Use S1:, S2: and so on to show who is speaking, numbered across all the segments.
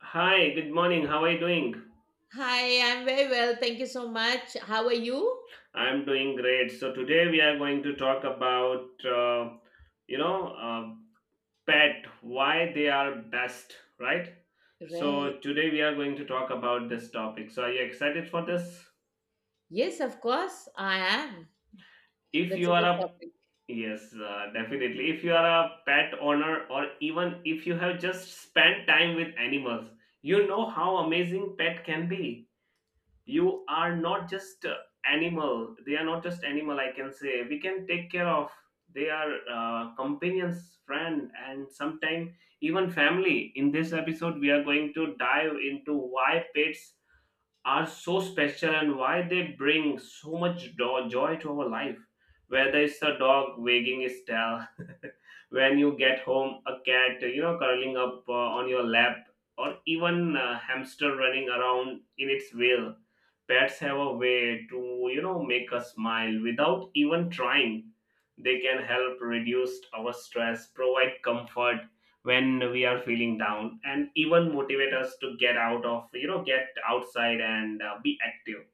S1: Hi, good morning. How are you doing?
S2: Hi, I'm very well. Thank you so much. How are you?
S1: I'm doing great. So today we are going to talk about you know uh, pet why they are best, right? So
S2: Right.
S1: today we are going to talk about this topic. So are you excited for this?
S2: Yes, of course, I am.
S1: If
S2: That's
S1: you
S2: a
S1: are
S2: good
S1: a
S2: topic.
S1: yes, definitely. If you are a pet owner or even if you have just spent time with animals, you know how amazing pet can be. You are not just animal. They are not just animal, I can say. We can take care of. They are companions, friend, and sometimes even family. In this episode, we are going to dive into why pets are so special and why they bring so much joy to our life. Whether it's a dog wagging its tail, when you get home, a cat, curling up on your lap, or even a hamster running around in its wheel. Pets have a way to, make us smile without even trying. They can help reduce our stress, provide comfort, when we are feeling down, and even motivate us to get out of you know get outside and be active.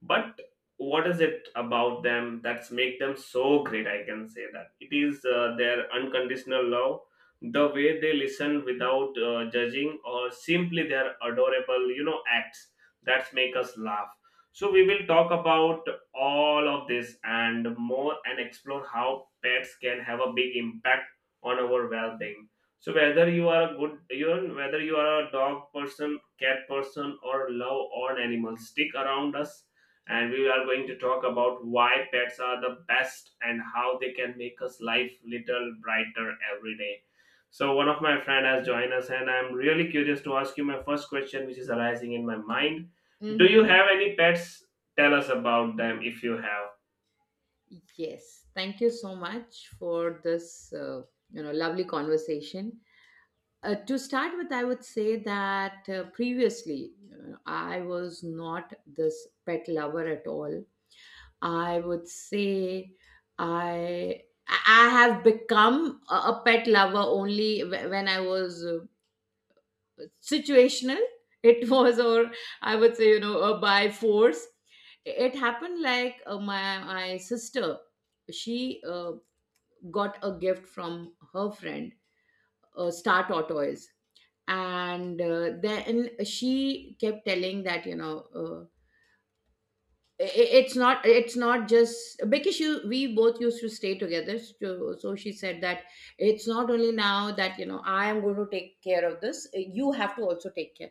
S1: But what is it about them that's make them so great? I can say that it is their unconditional love, the way they listen without judging, or simply their adorable acts that make us laugh. So we will talk about all of this and more, and explore how pets can have a big impact on our well-being. So whether you are a good you know, whether you are a dog person, cat person, or love all animals, stick around us, and we are going to talk about why pets are the best and how they can make us life little brighter every day. So one of my friend has joined us, and I'm really curious to ask you my first question, which is arising in my mind. Do you
S2: Mm-hmm.
S1: have any pets? Tell us about them if you have.
S2: Yes. Thank you so much for this, lovely conversation. To start with, I would say that previously I was not this pet lover at all. I would say I I have become a pet lover only when I was situational, it was, or I would say you know a by force. It happened like, my sister, she got a gift from her friend, star tortoise. And then she kept telling that, uh, it's not it's not just because she, we both used to stay together. So, so she said that it's not only now that, you know, I am going to take care of this, you have to also take care.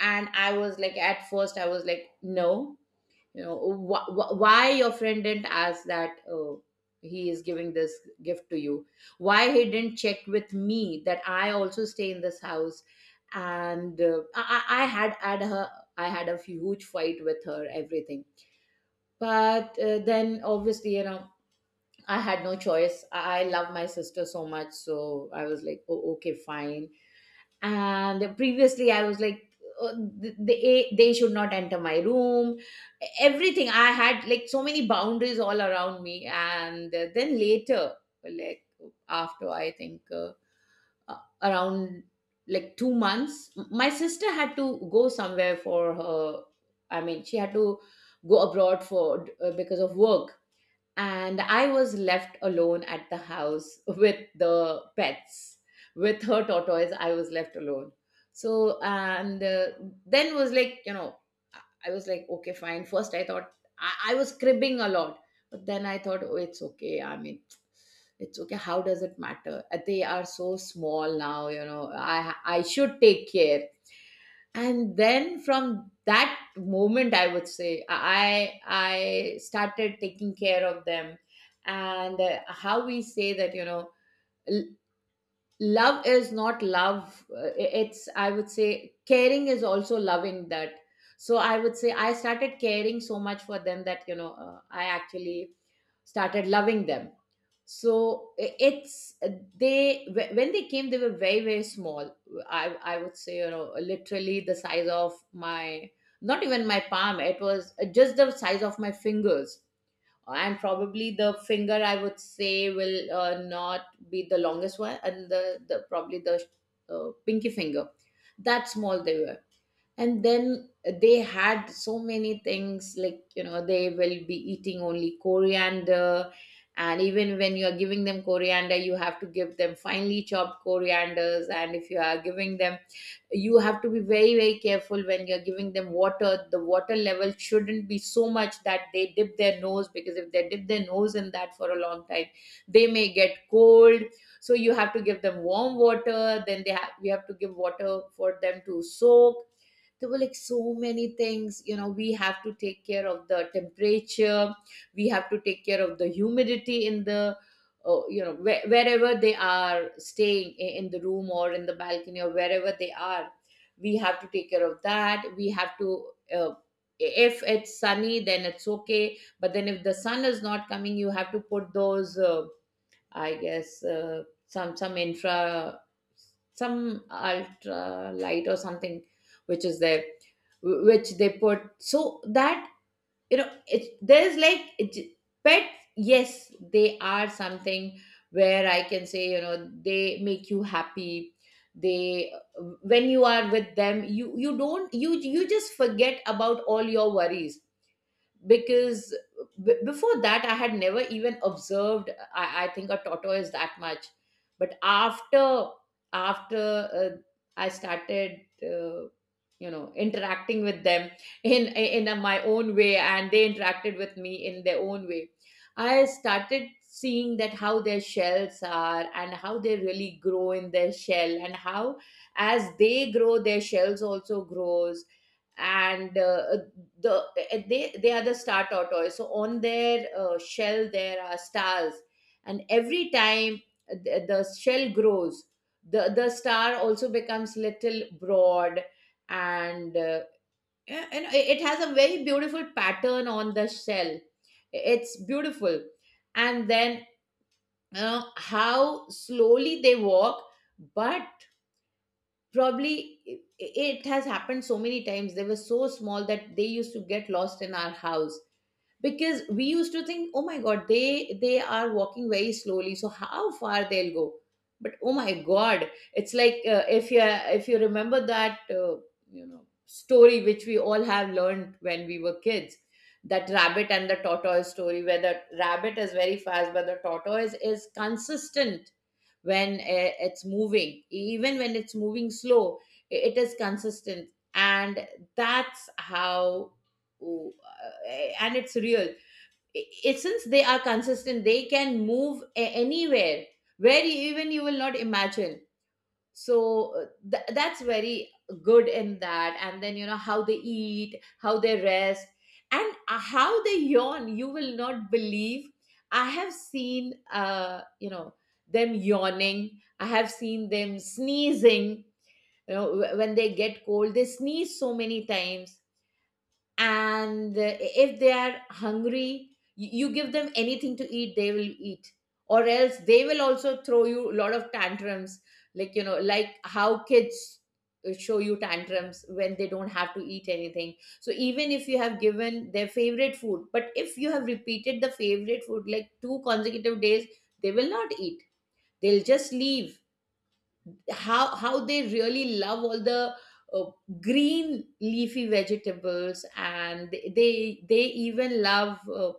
S2: And I was like, at first I was like, no, you know, why your friend didn't ask that. Oh, he is giving this gift to you. Why he didn't check with me that I also stay in this house? And I had had her. I had a huge fight with her, everything. But then obviously, you know, I had no choice. I love my sister so much, so I was like, oh, okay, fine. And previously I was like, uh, they should not enter my room, everything. I had like so many boundaries all around me. And then later, like after I think, around like 2 months, my sister had to go somewhere for her, I mean, she had to go abroad for, because of work. And I was left alone at the house with the pets. With her tortoise, I was left alone. So, and then was like, you know, I I was like, okay, fine. First, I thought I was cribbing a lot, but then I thought, oh, it's okay. I mean, it's okay. How does it matter? They are so small now, you know, I should take care. And then from that moment, I would say I started taking care of them. And how we say that, you know, love is not love, it's, I would say, caring is also loving that. So I would say I started caring so much for them that, you know, I actually started loving them. So i- it's uh, they when they came, they were very very small. I would say, you know, literally the size of my, not even my palm. It was, just the size of my fingers. And probably the finger, I would say, will not be the longest one, and the probably the, pinky finger, that small they were. And then they had so many things, like, you know, they will be eating only coriander. And even when you are giving them coriander, you have to give them finely chopped corianders. And if you are giving them, you have to be very very careful. When you're giving them water, the water level shouldn't be so much that they dip their nose, because if they dip their nose in that for a long time, they may get cold. So you have to give them warm water. Then they have, we have to give water for them to soak. There were like so many things, you know, we have to take care of the temperature. We have to take care of the humidity in the, you know, wherever they are staying, in the room or in the balcony or wherever they are, we have to take care of that. We have to, uh, if it's sunny then it's okay, but then if the sun is not coming, you have to put those, I guess, some infra, some ultra light or something, which is there, which they put so that, you know, it. There's like it, pets. Yes, they are something where I can say, you know, they make you happy. They, when you are with them, you don't, you just forget about all your worries. Because before that, I had never even observed, I think, a tortoise that much. But after, after uh, I started, you know, interacting with them in my own way, and they interacted with me in their own way. I started seeing that how their shells are, and how they really grow in their shell, and how as they grow, their shells also grows. And, the they are the star tortoise, so on their, shell, there are stars. And every time the shell grows, the star also becomes little broad. And, yeah, and it has a very beautiful pattern on the shell. It's beautiful. And then, how slowly they walk. But probably it has happened so many times, they were so small that they used to get lost in our house, because we used to think, oh my god, they are walking very slowly, so how far they'll go. But oh my god, it's like, if you, if you remember that, you know, story which we all have learned when we were kids, that rabbit and the tortoise story, where the rabbit is very fast but the tortoise is consistent. When, it's moving, even when it's moving slow, it is consistent. And that's how, ooh, uh, and it's real. Since they are consistent, they can move anywhere where you, even you will not imagine. So, that's very good in that. And then, you know, how they eat, how they rest, and, how they yawn, you will not believe. I have seen, them yawning. I have seen them sneezing, you know, when they get cold, they sneeze so many times. And, if they are hungry, you give them anything to eat, they will eat. Or else they will also throw you a lot of tantrums, like, you know, like how kids, show you tantrums when they don't have to eat anything. So even if you have given their favorite food, but if you have repeated the favorite food like two consecutive days, they will not eat, they'll just leave. How they really love all the, uh, green leafy vegetables. And they even love, uh,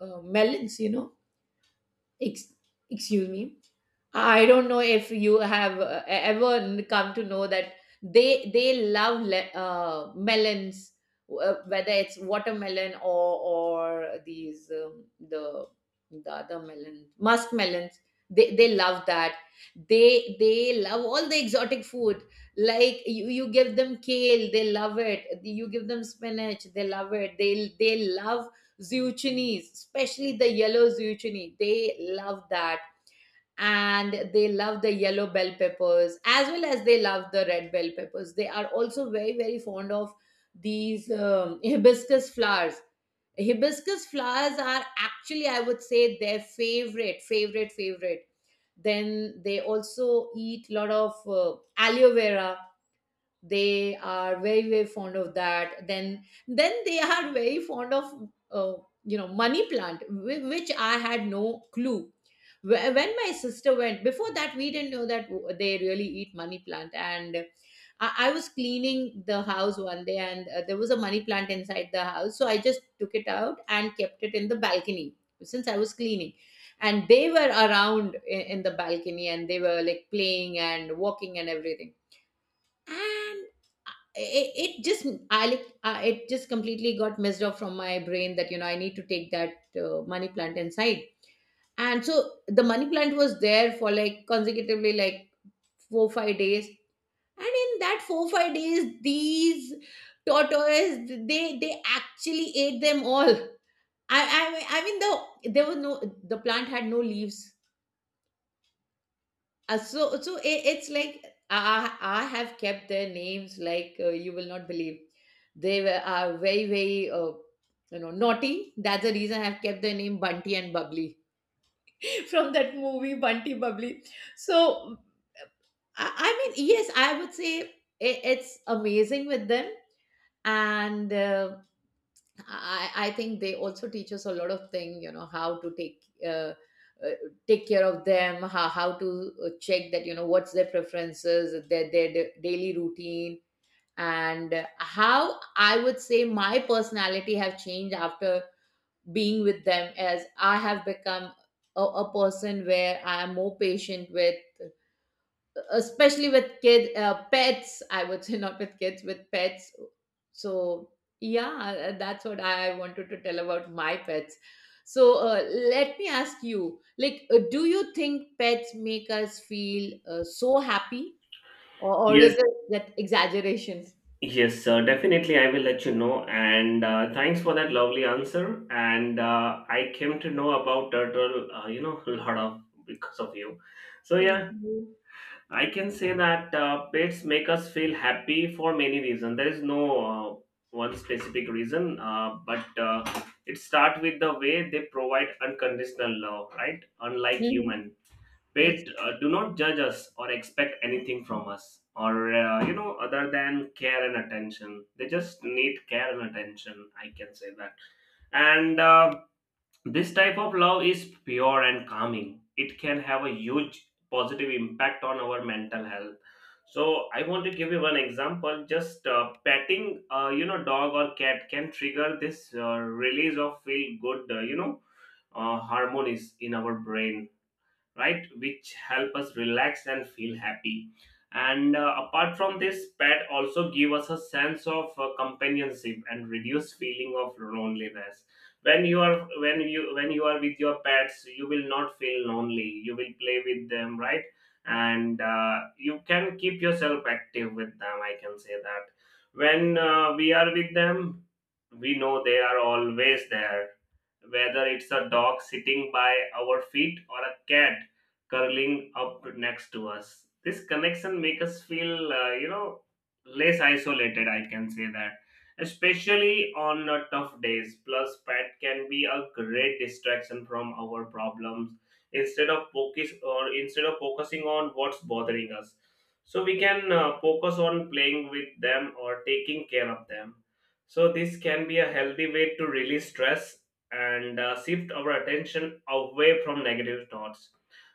S2: uh, melons, you know. Ex- Excuse me, I don't know if you have, ever come to know that they love, melons, whether it's watermelon or these, the other melon, musk melons. They love that. They love all the exotic food. Like you give them kale, they love it. You give them spinach, they love it. They love zucchinis, especially the yellow zucchini. They love that. And they love the yellow bell peppers, as well as they love the red bell peppers. They are also very very fond of these, hibiscus flowers. Hibiscus flowers are actually, I would say, their favorite favorite favorite. Then they also eat a lot of, aloe vera. They are very very fond of that. Then they are very fond of, you know, money plant, which I had no clue. When my sister went, before that we didn't know that they really eat money plant. And I was cleaning the house one day, and, there was a money plant inside the house, so I just took it out and kept it in the balcony since I was cleaning. And they were around in the balcony, and they were like playing and walking and everything. And it just, I like, it just completely got messed up from my brain that, you know, I need to take that, money plant inside. And so the money plant was there for like consecutively like four five days. And in that four five days, these tortoise, they actually ate them all. I mean the, there was no, the plant had no leaves. It's like I have kept their names like, you will not believe. They were are very very, you know, naughty. That's the reason I've kept their name Bunty and Bubbly from that movie Bunty Bubbly. So I mean, yes, I would say it's amazing with them. And. I think they also teach us a lot of things, you know, how to uh, take care of them, how to check that, you know, what's their preferences, daily routine, and how I would say my personality have changed after being with them, as I have become a person where I am more patient with, especially with kid pets, I would say. Not with kids, with pets. So, yeah, that's what I wanted to tell about my pets. So, let me ask you, like, do you think pets make us feel so happy, or is
S1: Yes,
S2: it that exaggeration?
S1: yes, sir. Definitely, I will let you know. And thanks for that lovely answer. And I came to know about turtle, a lot of because of you. So
S2: Thank
S1: yeah,
S2: you.
S1: I can say that pets make us feel happy for many reasons. There is no one specific reason, but it starts with the way they provide unconditional love, right? Unlike
S2: Mhm.
S1: human,
S2: Yes.
S1: pet do not judge us or expect anything from us, or other than care and attention. They just need care and attention. I can say that. And. Uh, this type of love is pure and calming. It can have a huge positive impact on our mental health. So I want to give you one example. Just petting, dog or cat can trigger this release of feel good, hormones in our brain, right, which help us relax and feel happy. And apart from this, pet also give us a sense of companionship and reduce feeling of loneliness. When you are with your pets, you will not feel lonely, you will play with them, right? And you can keep yourself active with them, I can say that. When we are with them, we know they are always there, whether it's a dog sitting by our feet or a cat curling up next to us. This connection makes us feel, less isolated. I can say that, especially on tough days. Plus, pet can be a great distraction from our problems. Instead of focusing on what's bothering us, so we can focus on playing with them or taking care of them. So this can be a healthy way to release stress and shift our attention away from negative thoughts.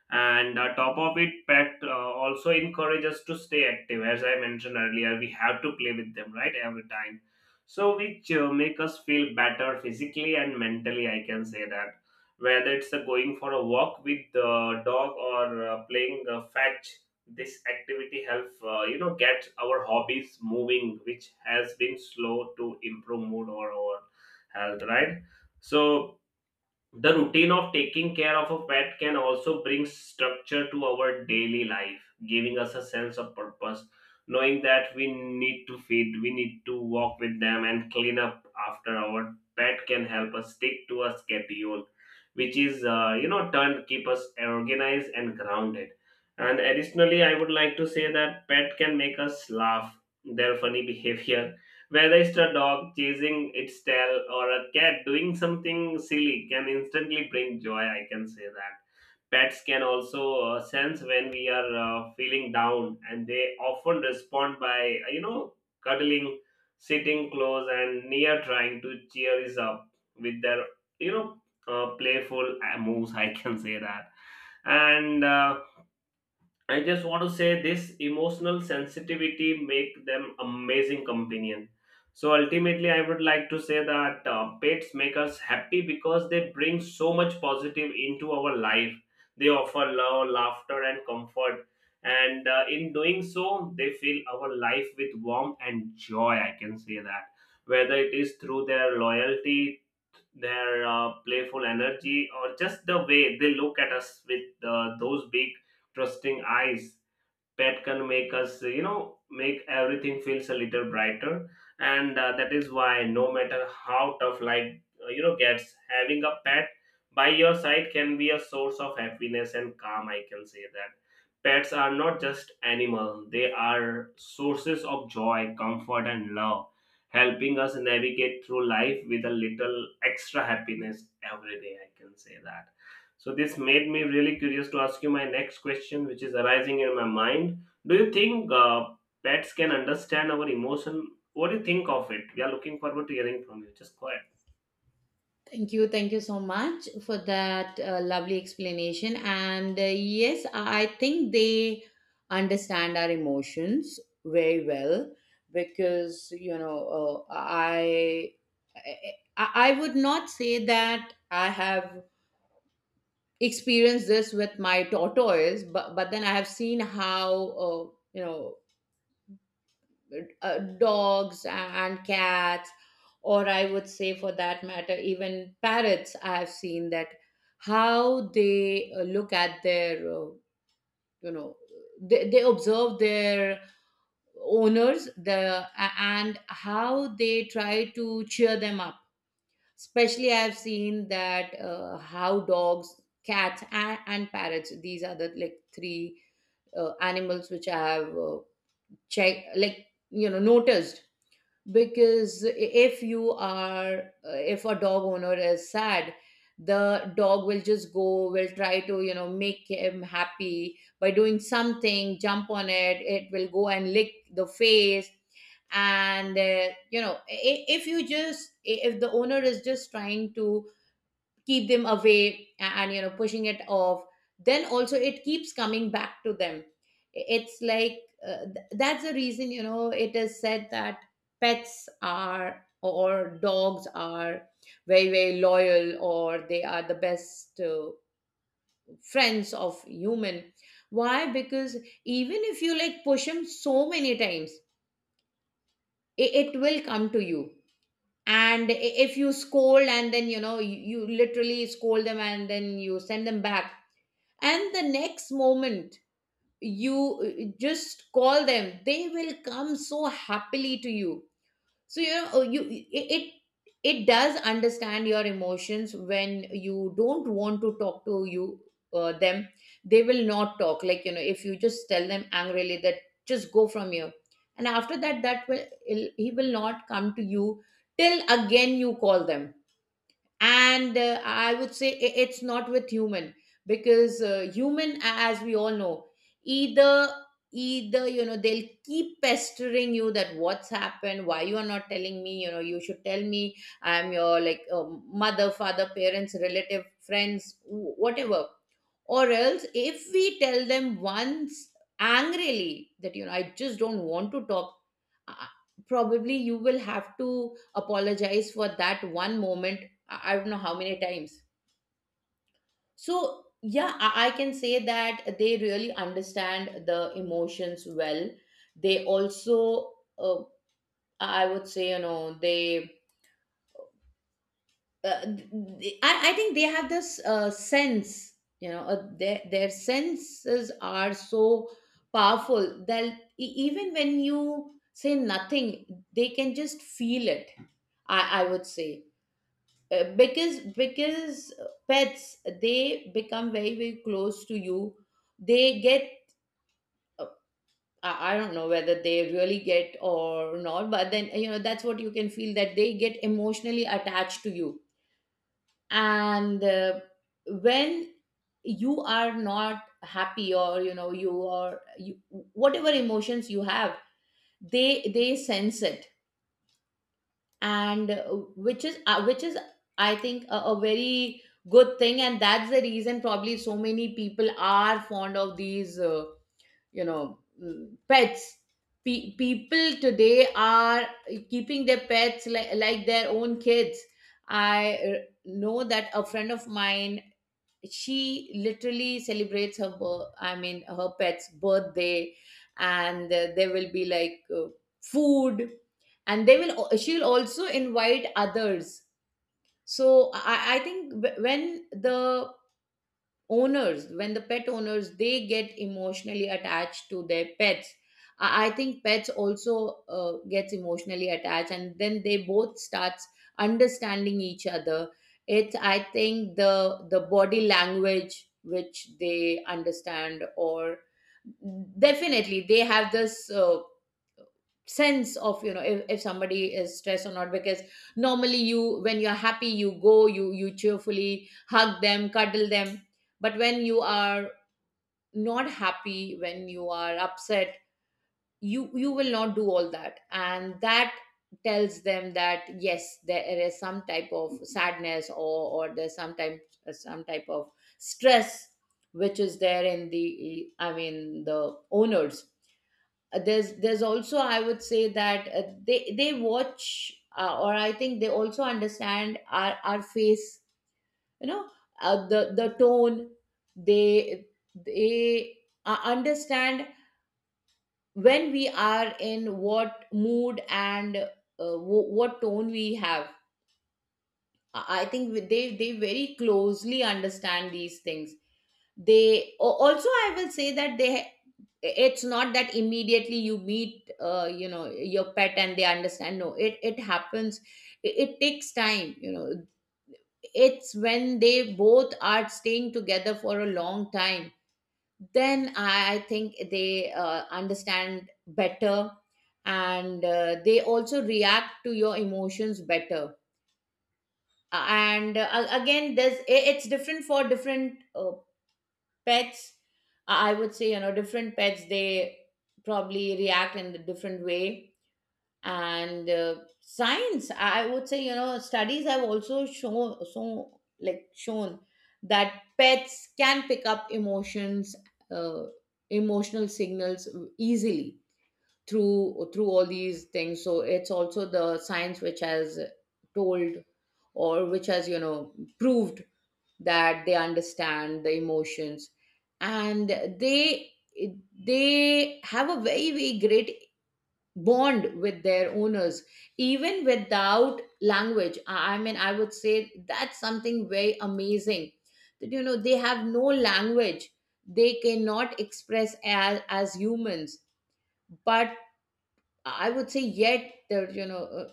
S1: And top of it, pet also encourage us to stay active, as I mentioned earlier. We have to play with them, right, every time. So which make us feel better physically and mentally, I can say that, whether it's going for a walk with the dog or playing fetch. This activity help get our hobbies moving, which has been slow to improve mood or our health, right? So the routine of taking care of a pet can also bring structure to our daily life, giving us a sense of purpose, knowing that we need to feed, we need to walk with them, and clean up after our pet can help us stick to a schedule, which is, turn keep us organized and grounded. And additionally, I would like to say that pet can make us laugh. Their funny behavior, whether it's a dog chasing its tail or a cat doing something silly, can instantly bring joy, I can say that. Pets can also sense when we are feeling down, and they often respond by, cuddling, sitting close and near, trying to cheer us up with their, you know, playful moves, I can say that. And I just want to say this emotional sensitivity make them amazing companion. So ultimately, I would like to say that pets make us happy because they bring so much positive into our life. They offer love, laughter, and comfort, and in doing so, they fill our life with warmth and joy. I can say that, whether it is through their loyalty, their playful energy, or just the way they look at us with those big trusting eyes. Pet can make us make everything feels a little brighter. And that is why no matter how tough life gets, having a pet by your side can be a source of happiness and calm, I can say that. Pets are not just animal, they are sources of joy, comfort, and love, helping us navigate through life with a little extra happiness every day, I can say that. So this made me really curious to ask you my next question, which is arising in my mind. Do you think pets can understand our emotion? What do you think of it? We are looking forward to hearing from you. Just go ahead.
S2: Thank you. Thank you so much for that lovely explanation. And yes, I think they understand our emotions very well because, you know, I would not say that I have experienced this with my tortoise, but then I have seen how, you know, dogs and cats, or I would say, for that matter, even parrots. I have seen that how they look at their, you know, they observe their owners, and how they try to cheer them up. Especially I've seen that how dogs, cats, and parrots, these are the, like, three animals which I have checked, like, you know, noticed. Because if you are if a dog owner is sad, the dog will just go, will try to, you know, make him happy by doing something, jump on it, it will go and lick the face. And you know, if the owner is just trying to keep them away, and, you know, pushing it off, then also it keeps coming back to them. It's like, that's the reason, you know, it is said that pets are, or dogs are, very, very loyal, or they are the best friends of human. Why? Because even if you, like, push them so many times, it will come to you. And if you scold, and then, you know, you literally scold them and then you send them back, and the next moment you just call them, they will come so happily to you. So, you know, you it it does understand your emotions. When you don't want to talk to you them, they will not talk. Like, you know, if you just tell them angrily that just go from here, and after that, that will he will not come to you till again you call them. And I would say it's not with human, because human, as we all know, either either, you know, they'll keep pestering you that what's happened, why you are not telling me, you know, you should tell me. I'm your, like, mother, father, parents, relative, friends, whatever. Or else, if we tell them once angrily that, you know, I just don't want to talk, uh, uh, probably you will have to apologize for that one moment I don't know how many times. So, yeah, I can say that they really understand the emotions well. They also, uh, I would say, you know, they uh, I think they have this sense, you know, their senses are so powerful that even when you say nothing, they can just feel it. I would say, because pets, they become very, very close to you. They get, uh, I don't know whether they really get or not, but then, you know, that's what you can feel, that they get emotionally attached to you. And when you are not happy, or, you know, whatever emotions you have, they sense it. And which is, I think, a very good thing, and that's the reason probably so many people are fond of these, you know, pets. People today are keeping their pets like their own kids. I know that a friend of mine, she literally celebrates I mean, her pet's birthday. And there will be, like, food, and they will she'll also invite others. So I think when the pet owners, they get emotionally attached to their pets, I think pets also gets emotionally attached, and then they both starts understanding each other. It's, I think, the body language which they understand. Or definitely they have this uh, sense of, you know, if somebody is stressed or not. Because normally, you when you're happy, you go, you cheerfully hug them, cuddle them. But when you are not happy, when you are upset, you will not do all that, and that tells them that yes, there is some type of sadness, or there's some type of stress which is there in the, I mean, the owners. There's also, I would say that, they watch, or I think they also understand our face, you know, the tone. They they understand when we are in what mood, and what tone we have. I think they very closely understand these things. Also, I will say that they it's not that immediately you meet you know your pet and they understand, no, it happens, it takes time, you know. It's when they both are staying together for a long time, then I think they understand better, and they also react to your emotions better. And again, it's different for different pets. I would say, you know, different pets, they probably react in a different way. And science, I would say, you know, studies have also shown, shown that pets can pick up emotions uh, emotional signals easily through all these things. So it's also the science which has told, or which has, you know, proved that they understand the emotions, and they have a very, very great bond with their owners even without language. I would say that's something very amazing, that, you know, they have no language, they cannot express as humans. But I would say, yet, that, you know,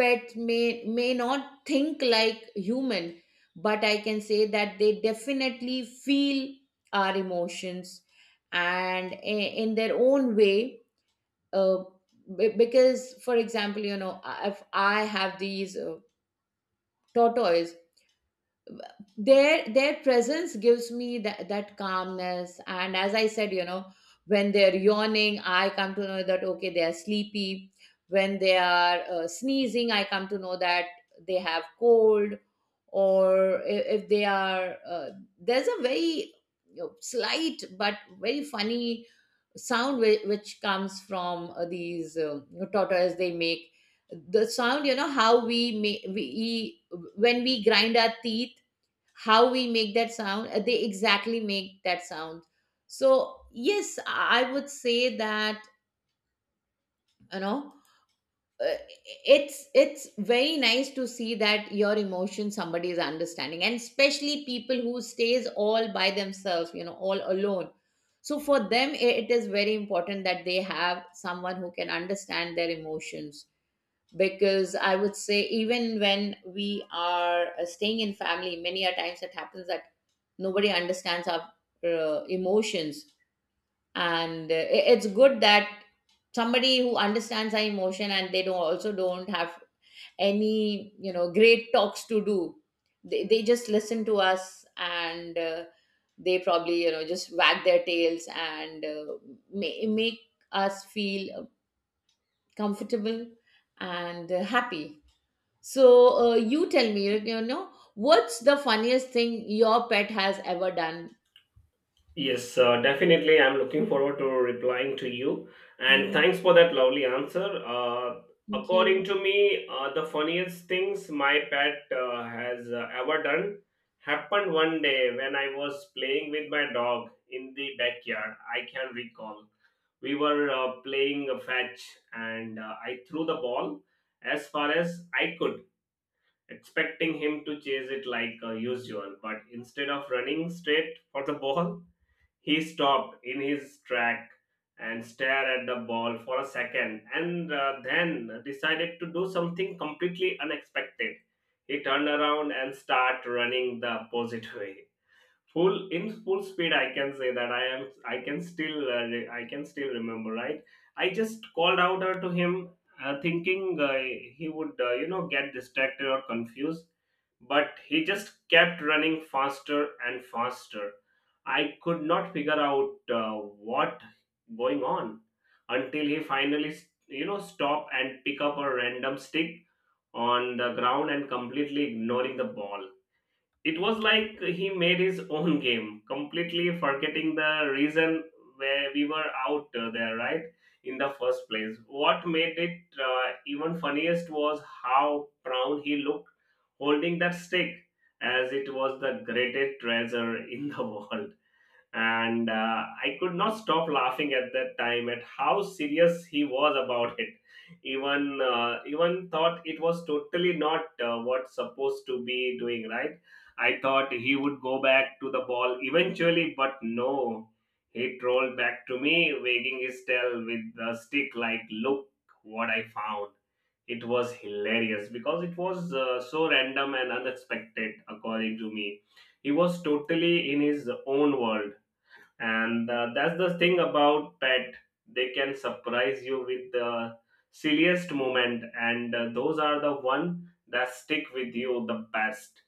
S2: pet may not think like human, but I can say that they definitely feel our emotions, and in their own way. uh, because, for example, you know, if I have these tortoise, their presence gives me that calmness, and as I said, you know, when they're yawning, I come to know that, okay, they are sleepy. When they are sneezing, I come to know that they have cold. Or I- if they are there's a very, you know, slight but very funny sound which comes from, these, you know, tortoise, they make the sound. You know how we make we when we grind our teeth, how we make that sound, they exactly make that sound. So yes, I would say that, you know, uh, it's very nice to see that your emotion somebody is understanding, and especially people who stays all by themselves, you know, all alone. So for them, it is very important that they have someone who can understand their emotions. Because I would say even when we are staying in family, many a times it happens that nobody understands our emotions. And it's good that somebody who understands our emotion, and they don't also don't have any, you know, great talks to do. They just listen to us, and they probably, you know, just wag their tails and make us feel comfortable and happy. So, you tell me, you know, what's the funniest thing your pet has ever done?
S1: Yes, definitely. I'm looking forward to replying to you. And
S2: Mm.
S1: thanks for that lovely answer.
S2: Thank
S1: According
S2: you.
S1: to me, the funniest things my pet has ever done happened one day when I was playing with my dog in the backyard. I can recall. We were playing a fetch, and I threw the ball as far as I could, expecting him to chase it like usual. But instead of running straight for the ball, he stopped in his track and stared at the ball for a second, and then decided to do something completely unexpected. He turned around and started running the opposite way. Full in full speed, I can say that I am. I can still. I can still remember. Right, I just called out to him, thinking he would, get distracted or confused, but he just kept running faster and faster. I could not figure out what going on, until he finally, stop and pick up a random stick on the ground, and completely ignoring the ball. It was like he made his own game, completely forgetting the reason where we were out there, right? In the first place. What made it even funniest was how proud he looked holding that stick, as it was the greatest treasure in the world. And I could not stop laughing at that time at how serious he was about it. Even thought it was totally not what's supposed to be doing right. I thought he would go back to the ball eventually, but no. He trolled back to me, wagging his tail with the stick, like, "Look what I found." It was hilarious because it was so random and unexpected, according to me. He was totally in his own world. And that's the thing about pet, they can surprise you with the silliest moment, and those are the one that stick with you the best.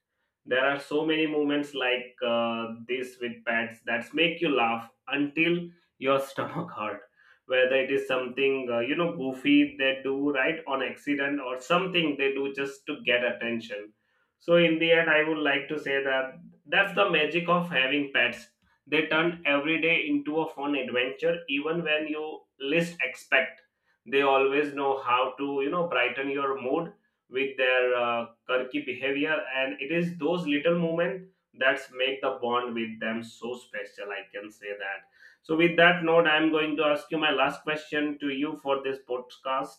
S1: There are so many moments like this with pets that make you laugh until your stomach hurt, whether it is something goofy they do right on accident or something they do just to get attention. So in the end, I would like to say that that's the magic of having pets. They turn every day into a fun adventure, even when you least expect. They always know how to, brighten your mood with their quirky behavior, and it is those little moments that make the bond with them so special. I can say that. So, with that note, I'm going to ask you my last question to you for this podcast.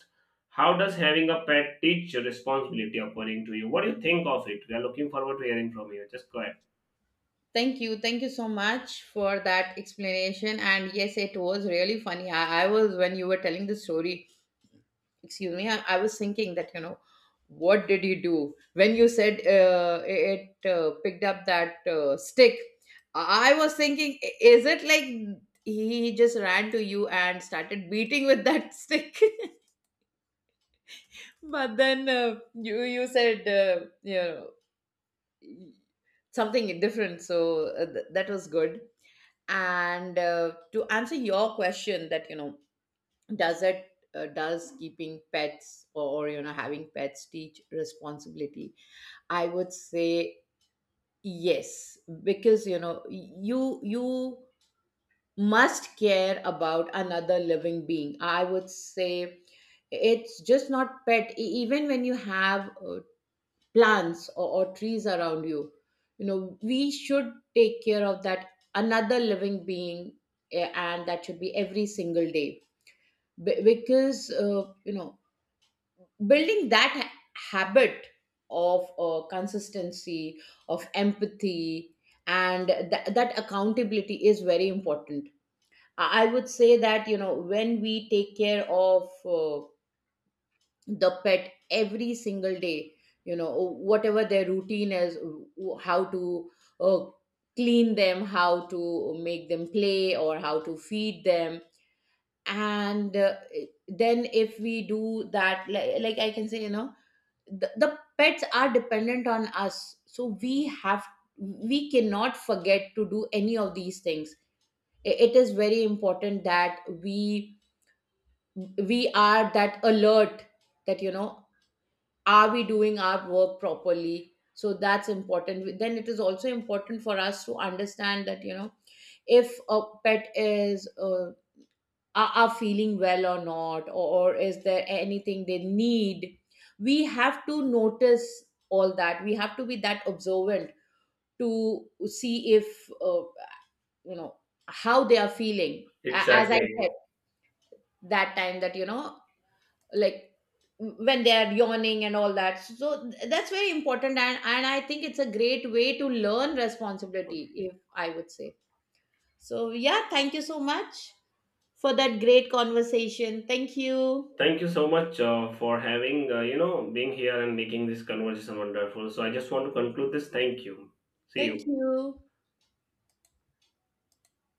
S1: How does having a pet teach responsibility according to you? What do you think of it? We are looking forward to hearing from you. Just go ahead.
S2: Thank you. Thank you so much for that explanation. And yes, it was really funny. I was, when you were telling the story, excuse me, I was thinking that, you know, what did you do? When you said picked up that stick, I was thinking, is it like he just ran to you and started beating with that stick? But then, you said, you know, y- something different, so, that was good. And to answer your question, that, you know, does it does keeping pets, or, you know, having pets teach responsibility? I would say yes, because, you know, you must care about another living being. I would say it's just not pet. Even when you have plants, or trees around you, you know, we should take care of that another living being, and that should be every single day. Because, you know, building that habit of consistency, of empathy, and that accountability is very important. I would say that, you know, when we take care of the pet every single day, you know, whatever their routine is, how to uh, clean them, how to make them play, or how to feed them. And then if we do that, like I can say, you know, the pets are dependent on us, so we cannot forget to do any of these things. It is very important that we are that alert, that, you know, are we doing our work properly? So that's important. Then it is also important for us to understand that, you know, if a pet are feeling well or not, or is there anything they need, we have to notice all that. We have to be that observant to see if, you know, how they are feeling. As I said,
S1: Exactly.
S2: that time, that, you know, like when they are yawning and all that, so that's very important. And I think it's a great way to learn responsibility, if I would say. So yeah, thank you so much for that great conversation. Thank you.
S1: Thank you so much for having, being here and making this conversation wonderful. So I just want to conclude this. Thank you. See
S2: Thank
S1: you.
S2: you.